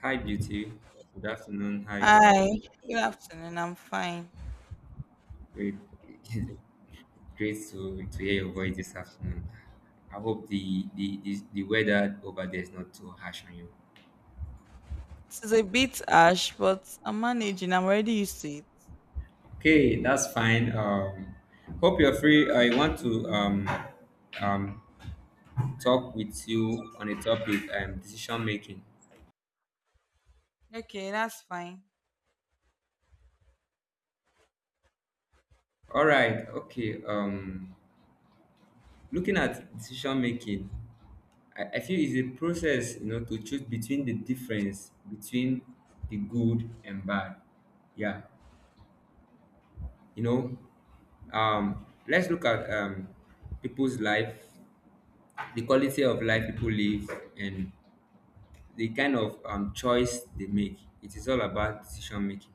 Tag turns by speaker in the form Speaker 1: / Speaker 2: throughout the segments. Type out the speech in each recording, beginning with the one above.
Speaker 1: Hi, beauty. Good afternoon. How are you doing?
Speaker 2: Hi, good afternoon. I'm fine.
Speaker 1: Great, great to, hear your voice this afternoon. I hope the weather over there is not too harsh on you.
Speaker 2: This is a bit harsh, but I'm managing. I'm already used to it.
Speaker 1: Okay, that's fine. Hope you're free. I want to um, talk with you on a topic, decision making.
Speaker 2: Okay, that's fine.
Speaker 1: All right. Okay. Looking at decision making. I feel it's a process, you know, to choose between the difference between the good and bad. Yeah, you know, let's look at, people's life, the quality of life people live, and the kind of, choice they make. It is all about decision making.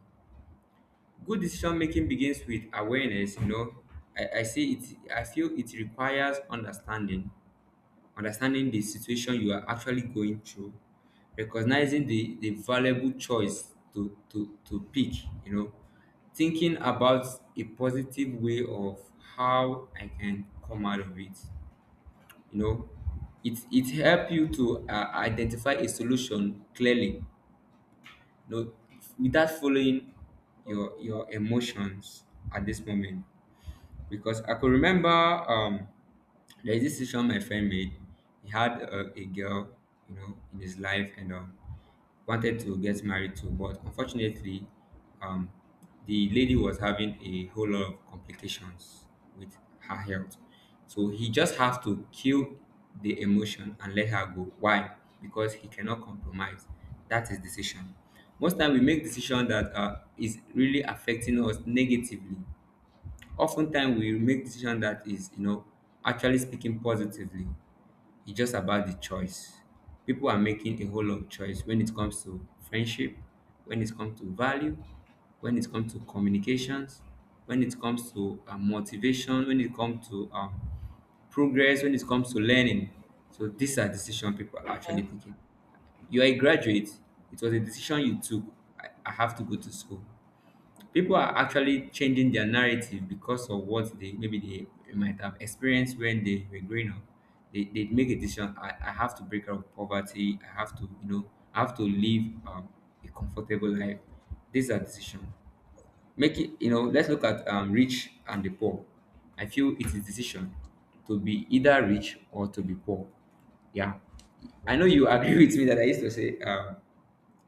Speaker 1: Good decision making begins with awareness. You know, I say it. I feel it requires understanding the situation you are actually going through, recognizing the valuable choice to, pick, you know, thinking about a positive way of how I can come out of it. You know, it helps you to identify a solution clearly, you know, without following your emotions at this moment, because I could remember, there's this decision my friend made. He had a girl, you know, in his life, and wanted to get married to, but unfortunately, um, the lady was having a whole lot of complications with her health. So he just has to kill the emotion and let her go. Why? Because he cannot compromise. That is decision. Most time we make decision that is really affecting us negatively. Oftentimes we make decision that is, you know, actually speaking positively. It's just about the choice. People are making a whole lot of choice when it comes to friendship, when it comes to value, when it comes to communications, when it comes to motivation, when it comes to progress, when it comes to learning. So these are decision people are
Speaker 2: Yeah.
Speaker 1: actually taking. You are a graduate. It was a decision you took. I have to go to school. People are actually changing their narrative because of what they, maybe they might have experienced when they were growing up. They make a decision, I have to break out of poverty, I have to, you know, I have to live, a comfortable life. These are decisions. Make it, you know, let's look at, rich and the poor. I feel it is decision to be either rich or to be poor. Yeah. I know you agree with me that I used to say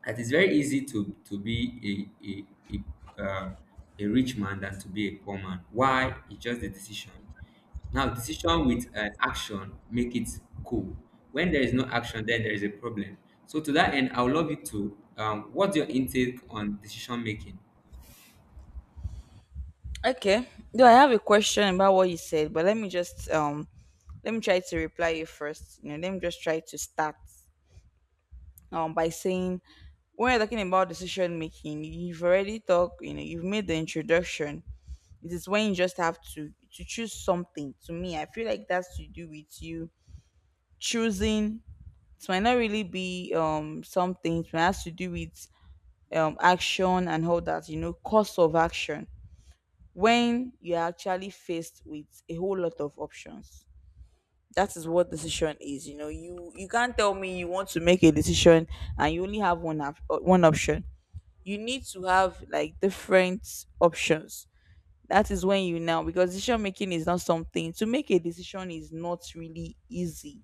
Speaker 1: that it's very easy to be a rich man than to be a poor man. Why? It's just the decision. Now, decision with action make it cool. When there is no action, then there is a problem. So to that end, I would love you to what's your intake on decision making?
Speaker 2: Okay. Do I have a question about what you said? But let me just let me try to reply you first. You know, let me just try to start by saying, when you're talking about decision making, you've already talked. You know, you've made the introduction. It is when you just have to choose something. To me, I feel like that's to do with you choosing. It might not really be some things. It has to do with action and all that, you know, cost of action, when you're actually faced with a whole lot of options. That is what decision is. You know, you can't tell me you want to make a decision and you only have one option. You need to have like different options. That is when you, now, because decision making is not something. To make a decision is not really easy.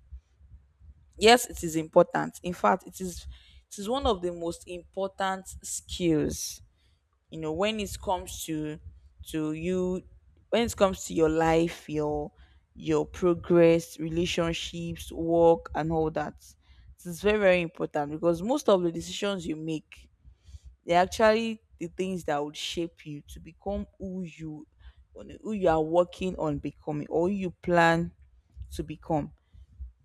Speaker 2: Yes, it is important. In fact, it is one of the most important skills. You know, when it comes to you, when it comes to your life, your progress, relationships, work, and all that, it is very very important, because most of the decisions you make, they're actually the things that would shape you to become who you are working on becoming, or who you plan to become.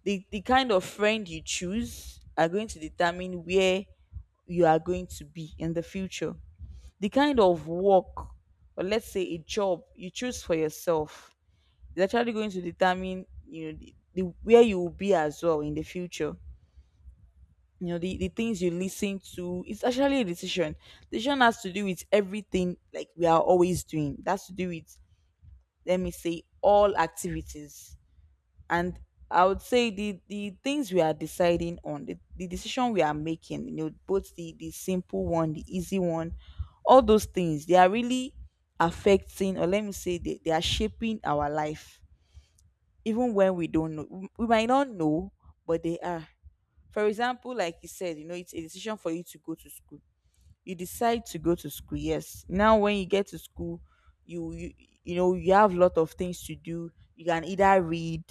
Speaker 2: The kind of friend you choose are going to determine where you are going to be in the future. The kind of work, or let's say a job you choose for yourself, is actually going to determine, you know, the where you will be as well in the future. You know, the things you listen to, it's actually a decision. Decision has to do with everything like we are always doing. That's to do with, let me say, all activities. And I would say the things we are deciding on, the decision we are making, you know, both the simple one, the easy one, all those things, they are really affecting, or let me say, they are shaping our life, even when we don't know. We might not know, but they are. For example, like you said, you know, it's a decision for you to go to school. You decide to go to school. Yes. Now when you get to school, you you, you know, you have a lot of things to do. You can either read,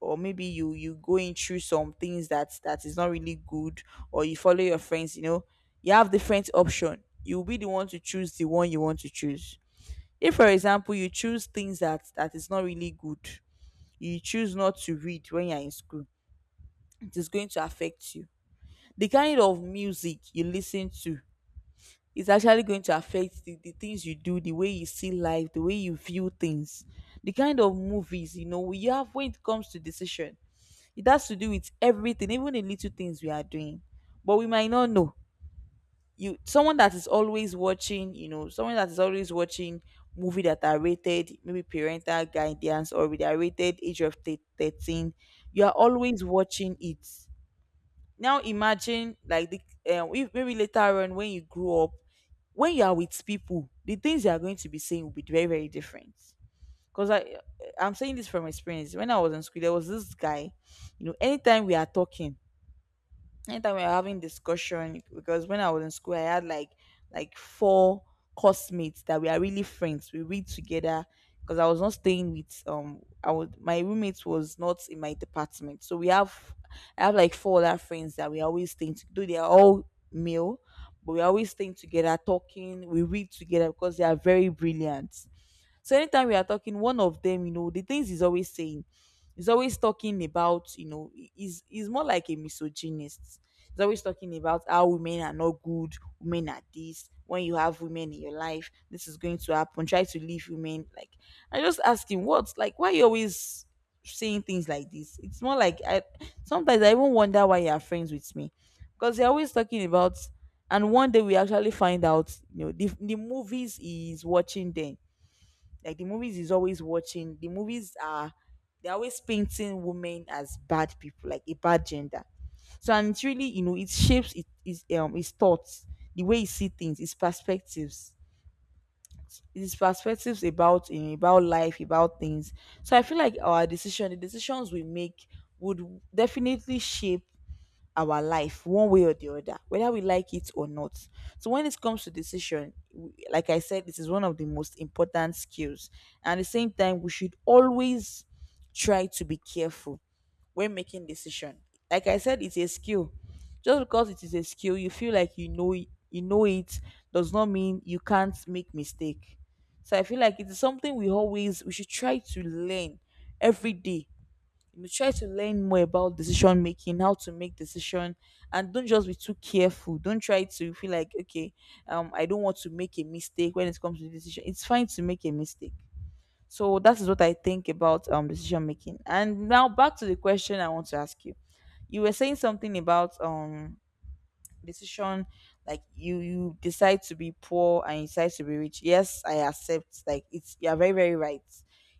Speaker 2: or maybe you go in through some things that is not really good, or you follow your friends, you know. You have different option. You'll be the one to choose the one you want to choose. If, for example, you choose things that is not really good, you choose not to read when you're in school, it is going to affect you. The kind of music you listen to, it's actually going to affect the things you do, the way you see life, the way you view things, the kind of movies, you know, we have, when it comes to decision. It has to do with everything, even the little things we are doing. But we might not know. You, someone that is always watching, you know, someone that is always watching movie that are rated, maybe parental guidance, or they are rated age of 13. You are always watching it. Now imagine like the if maybe later on when you grow up, when you are with people, the things you are going to be saying will be very very different. Because I'm saying this from experience. When I was in school, there was this guy. You know, anytime we are talking, anytime we are having discussion. Because when I was in school I had like four classmates that we are really friends. We read together, because I was not staying with I was, my roommate was not in my department. So we have I have like four other friends that we are always staying to, though they are all male, but we are always staying together, talking, we read together because they are very brilliant. So anytime we are talking, one of them, you know, the things he's always saying, he's always talking about, you know, he's more like a misogynist. He's always talking about how women are not good, women are this. When you have women in your life, this is going to happen. Try to leave women. Like, I just ask him, what's like, why you always saying things like this? It's more like, I sometimes I even wonder why you are friends with me. Because you're always talking about. And one day we actually find out, you know, the movies he's watching then. Like the movies is always watching. The movies are, they're always painting women as bad people, like a bad gender. So, and it's really, you know, it shapes, it is his thoughts, the way he see things, his perspectives about, you know, about life, about things. So I feel like our decision, the decisions we make, would definitely shape our life one way or the other, whether we like it or not. So when it comes to decision, like I said, this is one of the most important skills. And at the same time, we should always try to be careful when making decision. Like I said, it's a skill. Just because it is a skill, you feel like you know it, does not mean you can't make mistake. So I feel like it is something we should try to learn every day. You must try to learn more about decision making, how to make decision, and don't just be too careful. Don't try to feel like, okay, I don't want to make a mistake when it comes to decision. It's fine to make a mistake. So that is what I think about decision making. And now back to the question I want to ask you. You were saying something about decision, like you decide to be poor and you decide to be rich. Yes, I accept. Like, it's, you're very very right.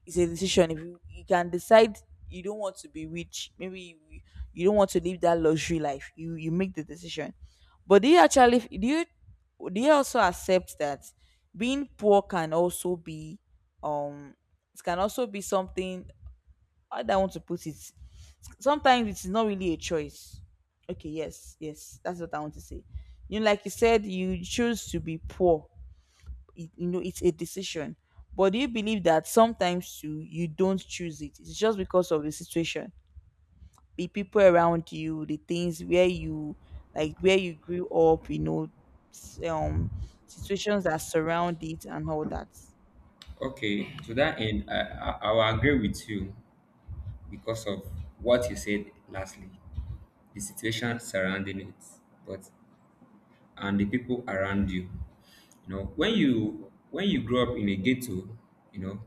Speaker 2: It's a decision. If you can decide you don't want to be rich. Maybe you don't want to live that luxury life. You make the decision. But do you actually, do you also accept that being poor can also be, um it can also be something, how do I want to put it? Sometimes it's not really a choice. Okay, yes, yes, that's what I want to say. You know, like you said, you choose to be poor. It, you know, it's a decision. But do you believe that sometimes too you don't choose it? It's just because of the situation, the people around you, the things where you, like where you grew up. You know, s- um, situations that surround it and all that.
Speaker 1: Okay, to that end, I will agree with you because of what you said lastly, the situation surrounding it, but and the people around you. You know, when you, grow up in a ghetto, you know,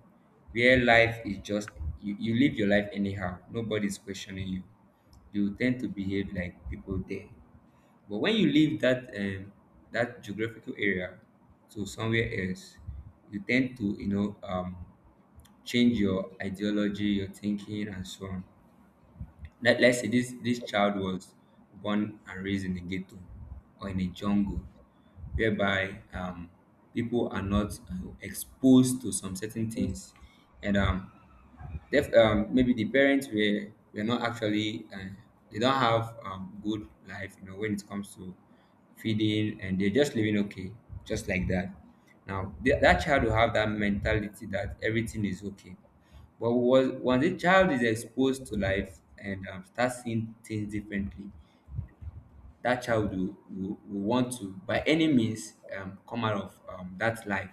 Speaker 1: where life is just you, you live your life anyhow, nobody's questioning you. You tend to behave like people there. But when you leave that, that geographical area to somewhere else, you tend to, you know, change your ideology, your thinking, and so on. Let's say this, this child was born and raised in a ghetto or in a jungle whereby, people are not exposed to some certain things. And maybe the parents were not actually they don't have, good life, you know, when it comes to feeding, and they're just living okay, just like that. Now that child will have that mentality that everything is okay. When the child is exposed to life and, start seeing things differently, that child will, want to, by any means, come out of, that life.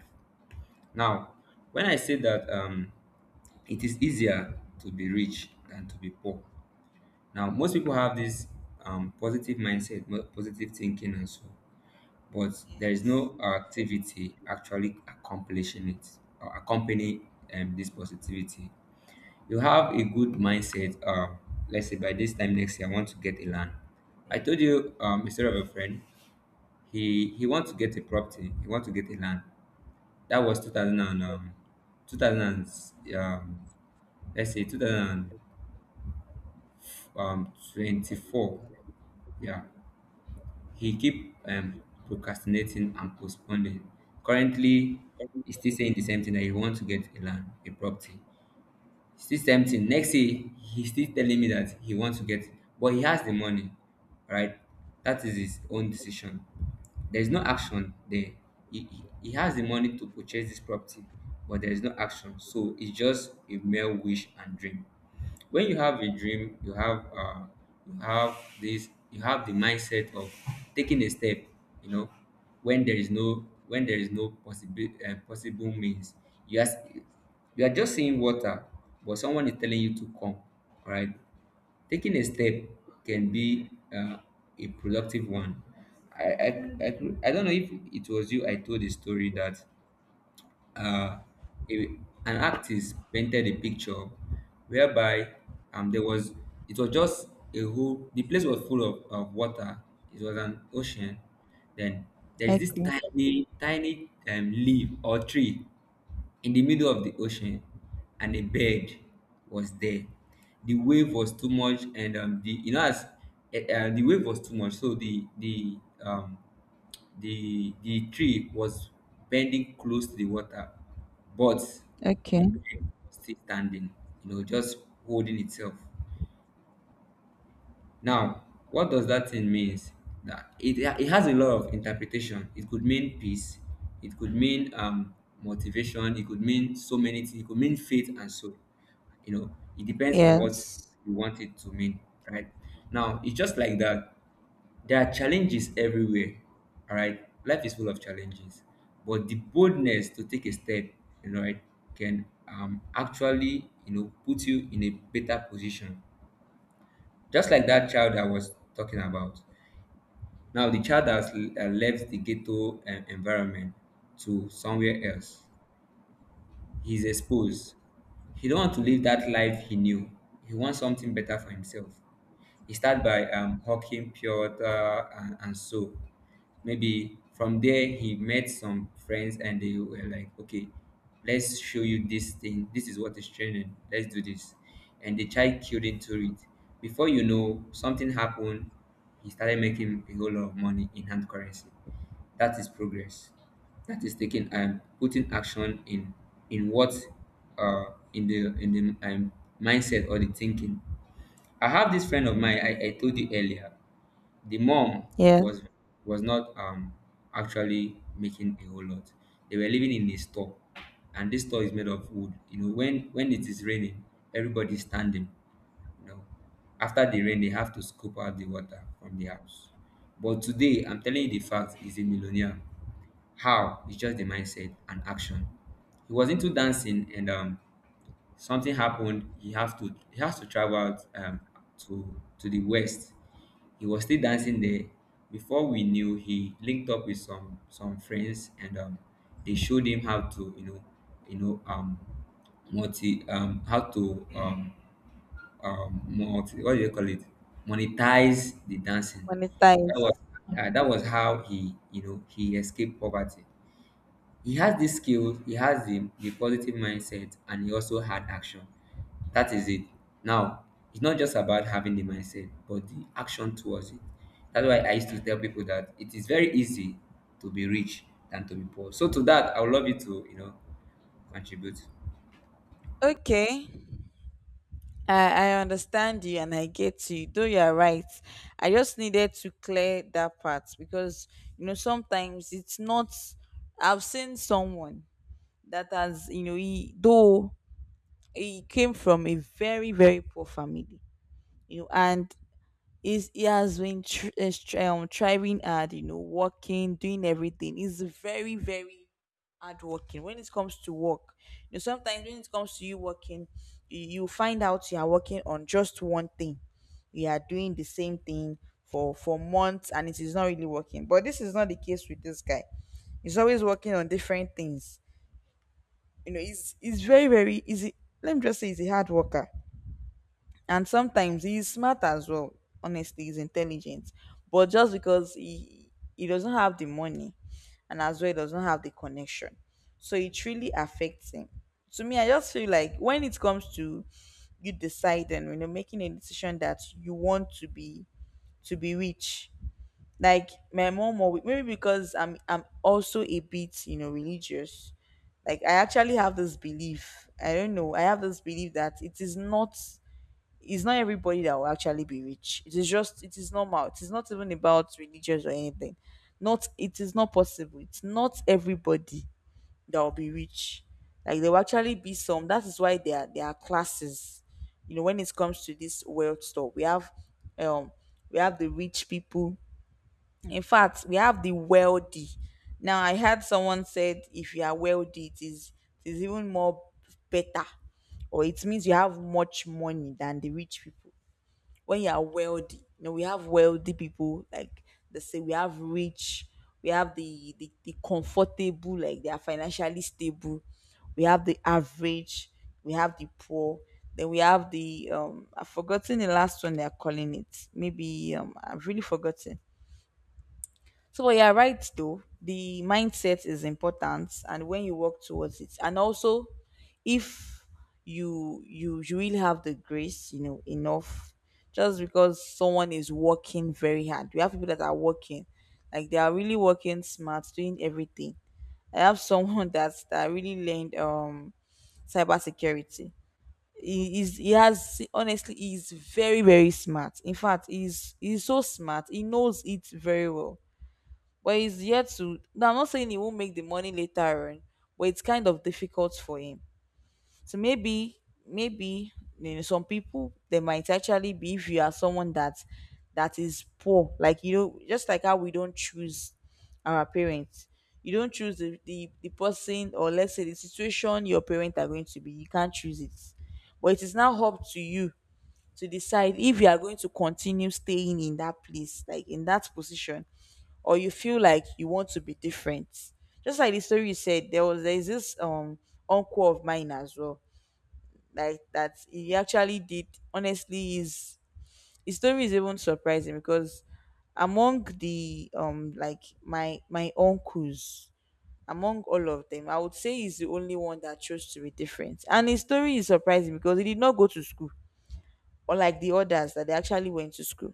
Speaker 1: Now, when I say that, it is easier to be rich than to be poor. Now, most people have this, positive mindset, positive thinking, and so, but there is
Speaker 2: Yes.
Speaker 1: no activity actually accomplishing it or accompany, this positivity. You have a good mindset. Let's say by this time next year, I want to get a land. I told you, a story of a friend. He wants to get a property. He wants to get a land. That was 2000 and, 2000 and, um, let's say 2024. Yeah, he keep, procrastinating and postponing. Currently, he's still saying the same thing, that he wants to get a land, a property. Still same thing. Next day, he's still telling me that he wants to get, but he has the money, right? That is his own decision. There is no action there. He has the money to purchase this property, but there is no action. So it's just a mere wish and dream. When you have a dream, you have this, you have the mindset of taking a step, you know. When there is no, possible possible means, you are, just seeing water, but someone is telling you to come. All right, taking a step can be, a productive one. I, I I I don't know if it was you I told the story that, uh, a, an artist painted a picture whereby, there was, it was just a whole, the place was full of, water. It was an ocean. Then there's
Speaker 2: Okay.
Speaker 1: this tiny, leaf or tree in the middle of the ocean, and a bird was there. The wave was too much, and, the, you know, as the wave was too much, so um, the the tree was bending close to the water, but the
Speaker 2: Okay.
Speaker 1: bird was still standing, you know, just holding itself. Now, what does that thing means? That it has a lot of interpretation. It could mean peace. It could mean, motivation. It could mean so many things. It could mean faith and so, you know, it depends on what
Speaker 2: Yes.
Speaker 1: you want it to mean, right? Now it's just like that. There are challenges everywhere. All right. Life is full of challenges. But the boldness to take a step, you know, right, can actually, you know, put you in a better position. Just like that child I was talking about. Now the child has left the ghetto, environment to somewhere else. He's exposed. He don't want to live that life he knew. He wants something better for himself. He start by, hawking pure water and, soap. Maybe from there he met some friends, and they were like, okay, let's show you this thing. This is what is training. Let's do this. And the child killed into it. Before you know, something happened. He started making a whole lot of money in hand currency. That is progress. That is taking, putting action in what uh, in the mindset or the thinking. I have this friend of mine I told you earlier. The mom
Speaker 2: Yes.
Speaker 1: was, not, actually making a whole lot. They were living in a store, and this store is made of wood. You know, when it is raining, everybody's standing. You know, after the rain, they have to scoop out the water from the house. But today, I'm telling you the fact, he's a millionaire. How? It's just the mindset and action. He was into dancing, and, um, something happened, he have to, he has to travel out, to the west. He was still dancing there. Before we knew, he linked up with some, friends, and, they showed him how to, you know, you know, multi how to, multi what do you call it, monetize the dancing. That
Speaker 2: Monetize.
Speaker 1: was, that was how he, you know, he escaped poverty. He has this skill, he has the positive mindset, and he also had action. That is it. Now, it's not just about having the mindset, but the action towards it. That's why I used to tell people that it is very easy to be rich than to be poor. So to that, I would love you to, you know, contribute.
Speaker 2: Okay, I understand you and I get you. Though you are right, I just needed to clear that part. Because, you know, sometimes it's not. I've seen someone that has, you know, he though he came from a very very poor family, you know. And is he has been thriving hard, you know, working, doing everything. He's very, very hardworking. When it comes to work, you know, sometimes when it comes to you working, you find out you are working on just one thing. You are doing the same thing for months, and it is not really working. But this is not the case with this guy. He's always working on different things. You know, he's very, very easy. Let me just say, he's a hard worker, and sometimes he's smart as well. Honestly, he's intelligent, but just because he doesn't have the money, and as well he doesn't have the connection, so it really affects him. To me, I just feel like when it comes to you deciding, you know, making a decision that you want to be rich. Like my mom, or maybe because I'm also a bit, you know, religious. Like, I actually have this belief. I don't know, I have this belief that it is not, it's not everybody that will actually be rich. It is just, it is normal. It is not even about religious or anything. Not, it is not possible. It's not everybody that will be rich. Like there will actually be some. That is why there are classes. You know, when it comes to this wealth stuff, um we have the rich people. In fact, we have the wealthy. Now I heard someone said if you are wealthy, it is even more better, or it means you have much money than the rich people when you are wealthy. You know, we have wealthy people, like they say, we have rich, we have the comfortable, like they are financially stable, we have the average, we have the poor, then we have the I've forgotten the last one they're calling it, maybe I've really forgotten. So, but you're right though. The mindset is important, and when you work towards it, and also if you really have the grace, you know, enough. Just because someone is working very hard, we have people that are working, like they are really working smart, doing everything. I have someone that really learned cybersecurity. He is he has honestly, he's very very smart. In fact, he's so smart. He knows it very well, but he's yet to, now I'm not saying he won't make the money later on, but it's kind of difficult for him. So maybe, maybe, you know, some people they might actually be, if you are someone that is poor, like you know, just like how we don't choose our parents, you don't choose the person, or let's say the situation your parents are going to be, you can't choose it, but it is now up to you to decide if you are going to continue staying in that place, like in that position, or you feel like you want to be different. Just like the story you said, there's this uncle of mine as well. Like that he actually did, honestly, his story is even surprising because among the like my uncles, among all of them, I would say he's the only one that chose to be different, and his story is surprising because he did not go to school, or like the others that they actually went to school.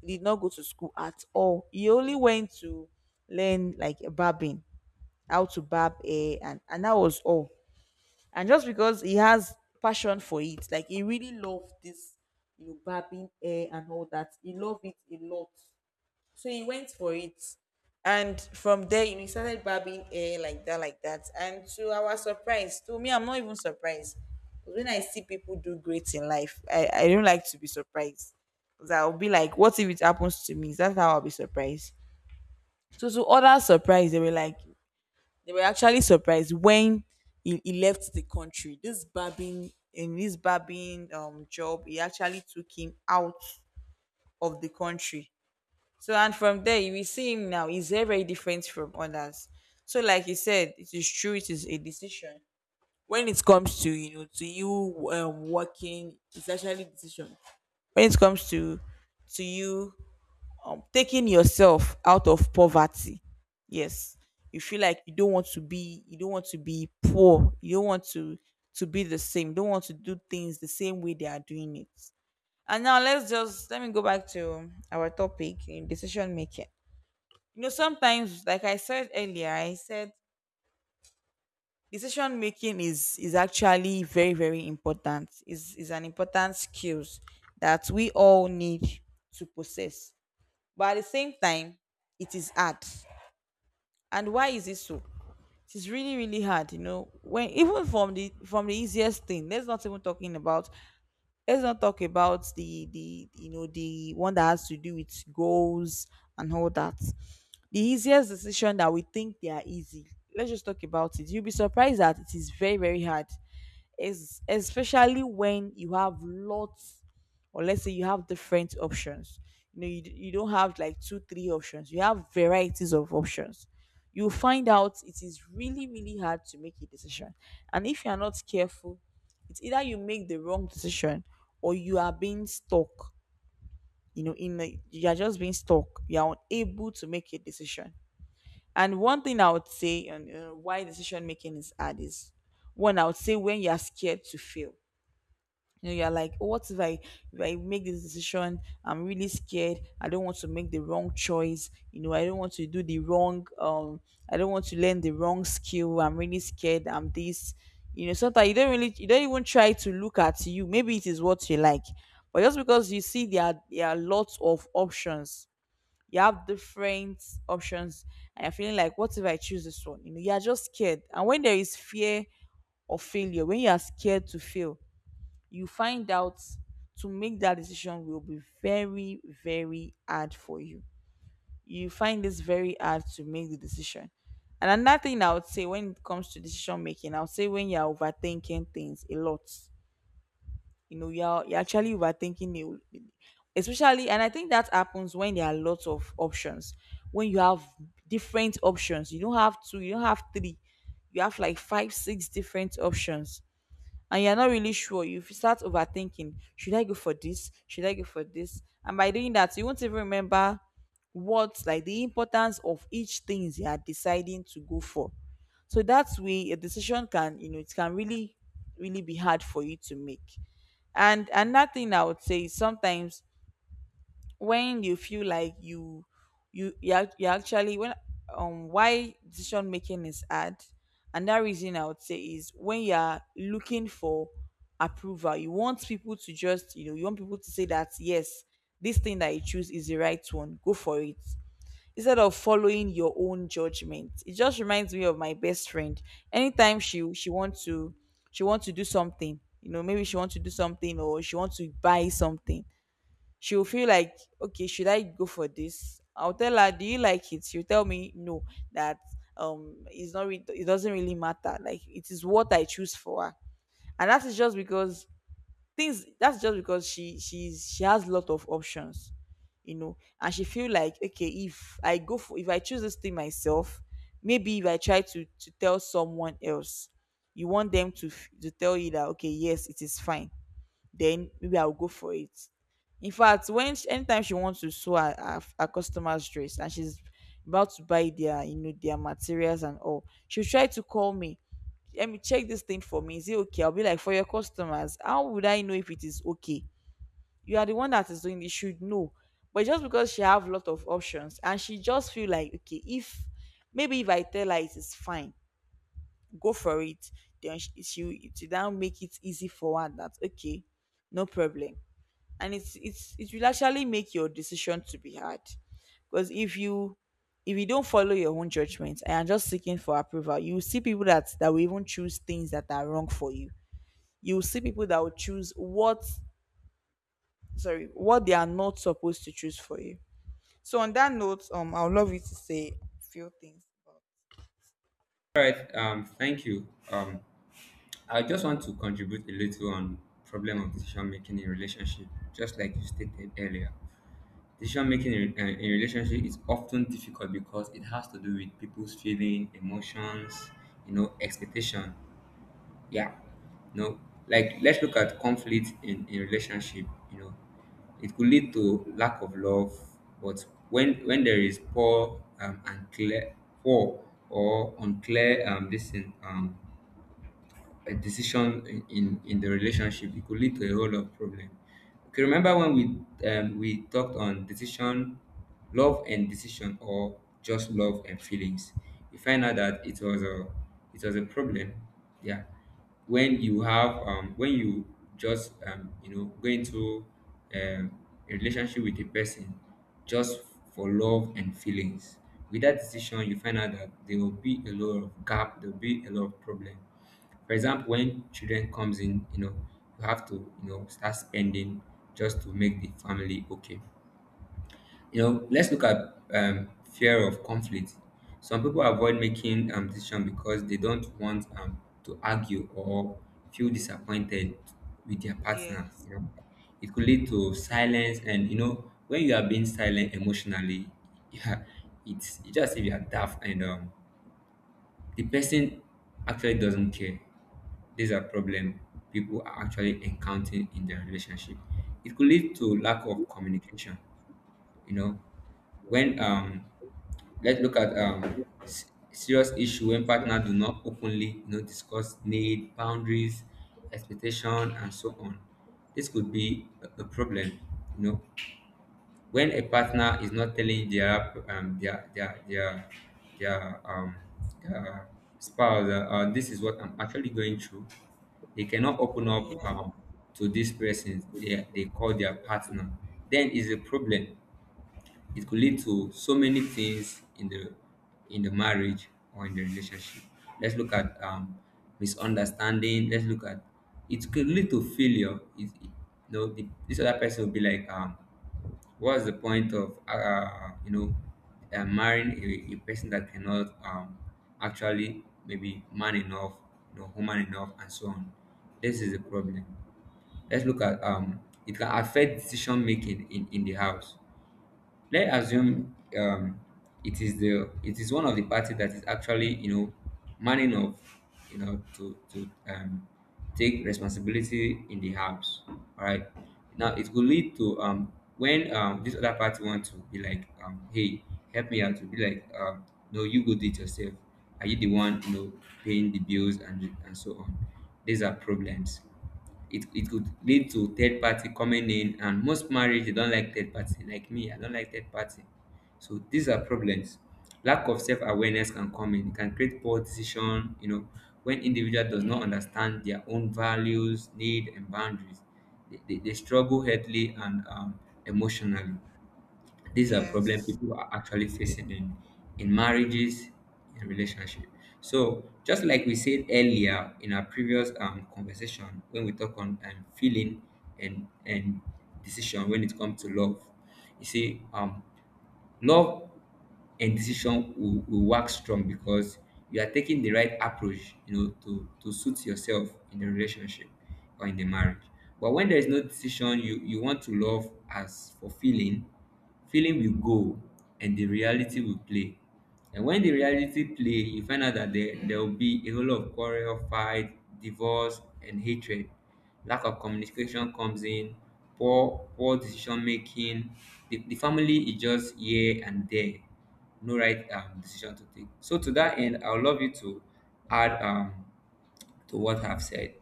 Speaker 2: He did not go to school at all, he only went to learn like barbing, how to barb hair, and that was all. And just because he has passion for it, like he really loved this, you know, barbing hair and all that, he loved it a lot, so he went for it. And from there, you know, he started barbing hair like that, like that, and to our surprise, to me I'm not even surprised, 'cause when I see people do great in life I don't like to be surprised, 'cause I'll be like, what if it happens to me, that's how I'll be surprised. So to others surprise, they were like, they were actually surprised when he left the country. This barbing, in this barbing job, he actually took him out of the country. So, and from there you will see him now. He's very, very different from others. So like he said, it is true, it is a decision. When it comes to, you know, to you working, it's actually a decision. When it comes to you, taking yourself out of poverty. Yes, you feel like you don't want to be, you don't want to be poor. You don't want to be the same. You don't want to do things the same way they are doing it. And now let's just, let me go back to our topic in decision making. You know, sometimes, like I said earlier, I said decision making is actually very very important. Is an important skills that we all need to possess, but at the same time it is hard. And why is it so? It is really really hard, you know, when even from the, from the easiest thing, let's not even talking about, let's not talk about the, you know, the one that has to do with goals and all that. The easiest decision that we think they are easy, let's just talk about it, you'll be surprised that it is very very hard. Is especially when you have lots, or let's say you have different options. You know you, you don't have like two three options, you have varieties of options. You find out it is really really hard to make a decision. And if you are not careful, it's either you make the wrong decision, or you are being stuck, you know, in a, you are just being stuck, you are unable to make a decision. And one thing I would say on why decision making is hard is, one, I would say, when you are scared to fail. You know you're like, "Oh, what if I make this decision, I'm really scared, I don't want to make the wrong choice, you know, I don't want to do the wrong I don't want to learn the wrong skill, I'm really scared, I'm this." You know, sometimes you don't really, you don't even try to look at, you, maybe it is what you like, but just because you see there are lots of options, you have different options, and you're feeling like, what if I choose this one? You know, you're just scared, and when there is fear of failure, when you are scared to fail, you find out to make that decision will be very, very hard for you. You find this very hard to make the decision. And another thing I would say when it comes to decision making, I would say when you're overthinking things a lot, you know, you're actually overthinking it, especially, and I think that happens when there are lots of options. When you have different options, you don't have two, you don't have three, you have like five, six different options, and you're not really sure, you start overthinking. Should I go for this? Should I go for this? And by doing that, you won't even remember what, like the importance of each things you are deciding to go for. So that's way a decision can, you know, it can really, really be hard for you to make. And another thing I would say is sometimes when you feel like you you actually, when why decision making is hard, and that reason I would say is when you are looking for approval. You want people to just, you know, you want people to say that yes, this thing that you choose is the right one, go for it, instead of following your own judgment. It just reminds me of my best friend. Anytime she wants to do something, you know, maybe she wants to do something, or she wants to buy something. She'll feel like, okay, should I go for this? I'll tell her, do you like it? She'll tell me, no. That, it's not re- it doesn't really matter, like it is what I choose for her. And that is just because things, that's just because she has a lot of options, you know, and she feel like, okay, if I go for, if I choose this thing myself, maybe if I try to tell someone else, you want them to to tell you that, okay yes it is fine, then maybe I'll go for it. In fact, when she, anytime she wants to sew her, her customer's dress, and she's about to buy their, you know, their materials and all, she'll try to call me. Let me check this thing for me, is it okay? I'll be like, for your customers, how would I know if it is okay? You are the one that is doing it, you should know. But just because she have a lot of options, and she just feel like, okay, if maybe if I tell her it is fine, go for it, then she now make it easy for her, that okay, no problem. And it will actually make your decision to be hard, because if you, if you don't follow your own judgment and are just seeking for approval, you will see people that will even choose things that are wrong for you. You will see people that will choose what, sorry, what they are not supposed to choose for you. So on that note, I would love you to say a few things.
Speaker 1: All right. Thank you. I just want to contribute a little on problem of decision making in relationship, just like you stated earlier. Decision making in relationship is often difficult because it has to do with people's feeling, emotions, you know, expectation. Yeah, you know, like let's look at conflict in, relationship. You know, it could lead to lack of love, but when there is poor and clear poor or unclear this thing, a decision in the relationship it could lead to a whole lot of problem. Okay, remember when we talked on decision, love and decision, or just love and feelings. You find out that it was a problem. Yeah, when you have when you just you know, go into um, a relationship with a person just for love and feelings. With that decision you find out that there will be a lot of gap, there will be a lot of problem. For example, when children comes in, you know, you have to, you know, start spending just to make the family okay. You know, let's look at fear of conflict. Some people avoid making decision because they don't want to argue or feel disappointed with their partner.
Speaker 2: Yes.
Speaker 1: You know, it could lead to silence, and you know, when you are being silent emotionally, yeah, it's just if you are daft and the person actually doesn't care. These are problems people are actually encountering in their relationship. It could lead to lack of communication. You know, when let's look at serious issue when partners do not openly, you know, discuss need, boundaries, expectation, and so on. This could be a problem. You know, when a partner is not telling their their um their spouse, this is what I'm actually going through, they cannot open
Speaker 2: Yes,
Speaker 1: up to this person they call their partner, then is a problem. It could lead to so many things in the marriage or in the relationship. Let's look at misunderstanding, let's look at it could lead to failure. You know, the, this other person will be like what's the point of marrying a person that cannot actually maybe man enough, you know, woman enough, and so on. This is a problem. Let's look at it can affect decision making in the house. Let's assume it is one of the party that is actually, you know, man enough, you know, to to take responsibility in the house, all right? Now it will lead to when this other party want to be like, hey, help me out, to be like, no, you go do it yourself, are you the one, you know, paying the bills and so on. These are problems. It could lead to third party coming in, and most marriage they don't like third party. Like me, I don't like third party. So these are problems. Lack of self-awareness can come in, it can create poor decision. You know, when individual does not understand their own values, need, and boundaries, they struggle healthily and emotionally. These are problems
Speaker 2: yes.
Speaker 1: people are actually facing in marriages, in relationship. So just like we said earlier in our previous conversation, when we talk on feeling and decision when it comes to love, you see, love and decision will work strong because you are taking the right approach, you know, to suit yourself in the relationship or in the marriage. But when there is no decision, you want to love as for feeling, feeling will go and the reality will play. And when the reality play, you find out that there will be a whole lot of quarrel, fight, divorce, and hatred. Lack of communication comes in, poor decision making. The family is just here and there. No right decision to take. So to that end, I would love you to add to what I've said.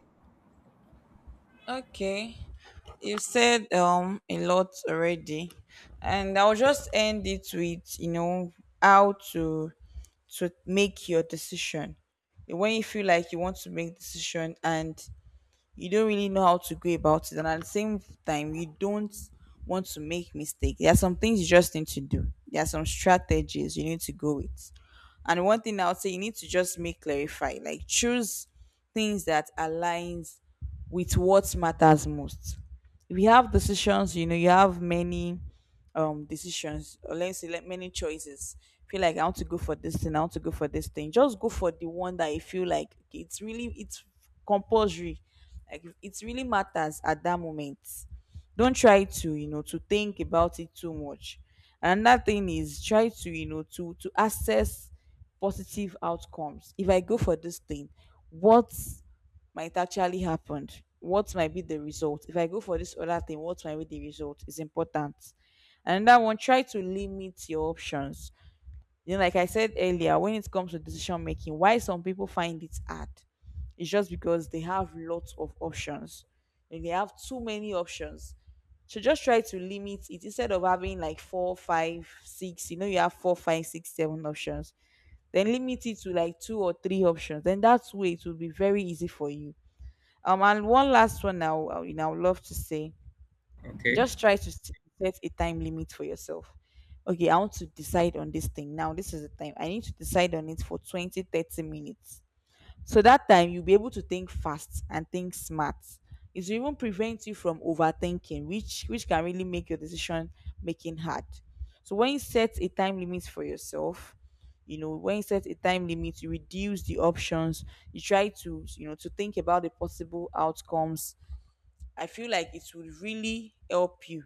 Speaker 2: Okay, you said a lot already, and I'll just end it with, you know, how to make your decision. When you feel like you want to make decision and you don't really know how to go about it, and at the same time, you don't want to make mistake. There are some things you just need to do. There are some strategies you need to go with. And one thing I'll say, you need to just make clarify, like choose things that aligns with what matters most. If you have decisions, you know, you have many decisions, or let's say like many choices. Feel like I want to go for this thing, I want to go for this thing. Just go for the one that you feel like, okay, it's really it's compulsory. Like it really matters at that moment. Don't try to, you know, to think about it too much. Another thing is try to, you know, to access positive outcomes. If I go for this thing, what might actually happen? What might be the result? If I go for this other thing, what might be the result? Is important. And that one, try to limit your options. You know, like I said earlier, when it comes to decision making, why some people find it hard, it's just because they have lots of options. Like, they have too many options. So just try to limit it instead of having like four, five, six. You know, you have four, five, six, seven options, then limit it to like two or three options, then that way it will be very easy for you. And one last one now, I would love to say,
Speaker 1: Okay?
Speaker 2: just try to set a time limit for yourself. Okay, I want to decide on this thing now, this is the time I need to decide on it for 20, 30 minutes, so that time you'll be able to think fast and think smart. It will even prevent you from overthinking, which can really make your decision making hard. So when you set a time limit for yourself, you know, when you set a time limit, you reduce the options. You try to, you know, to think about the possible outcomes. I feel like it will really help you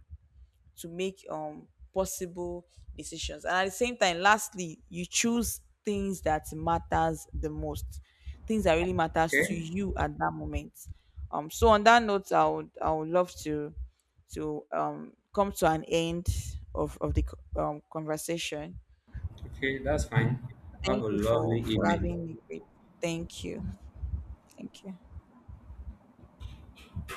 Speaker 2: to make possible decisions, and at the same time, lastly, you choose things that matters the most, things that really matters to
Speaker 1: Okay?
Speaker 2: you at that moment. So on that note, I would love to come to an end of the conversation.
Speaker 1: Okay, that's fine. Have
Speaker 2: Thank
Speaker 1: a
Speaker 2: you for
Speaker 1: lovely evening.
Speaker 2: having me. Thank you. Thank you.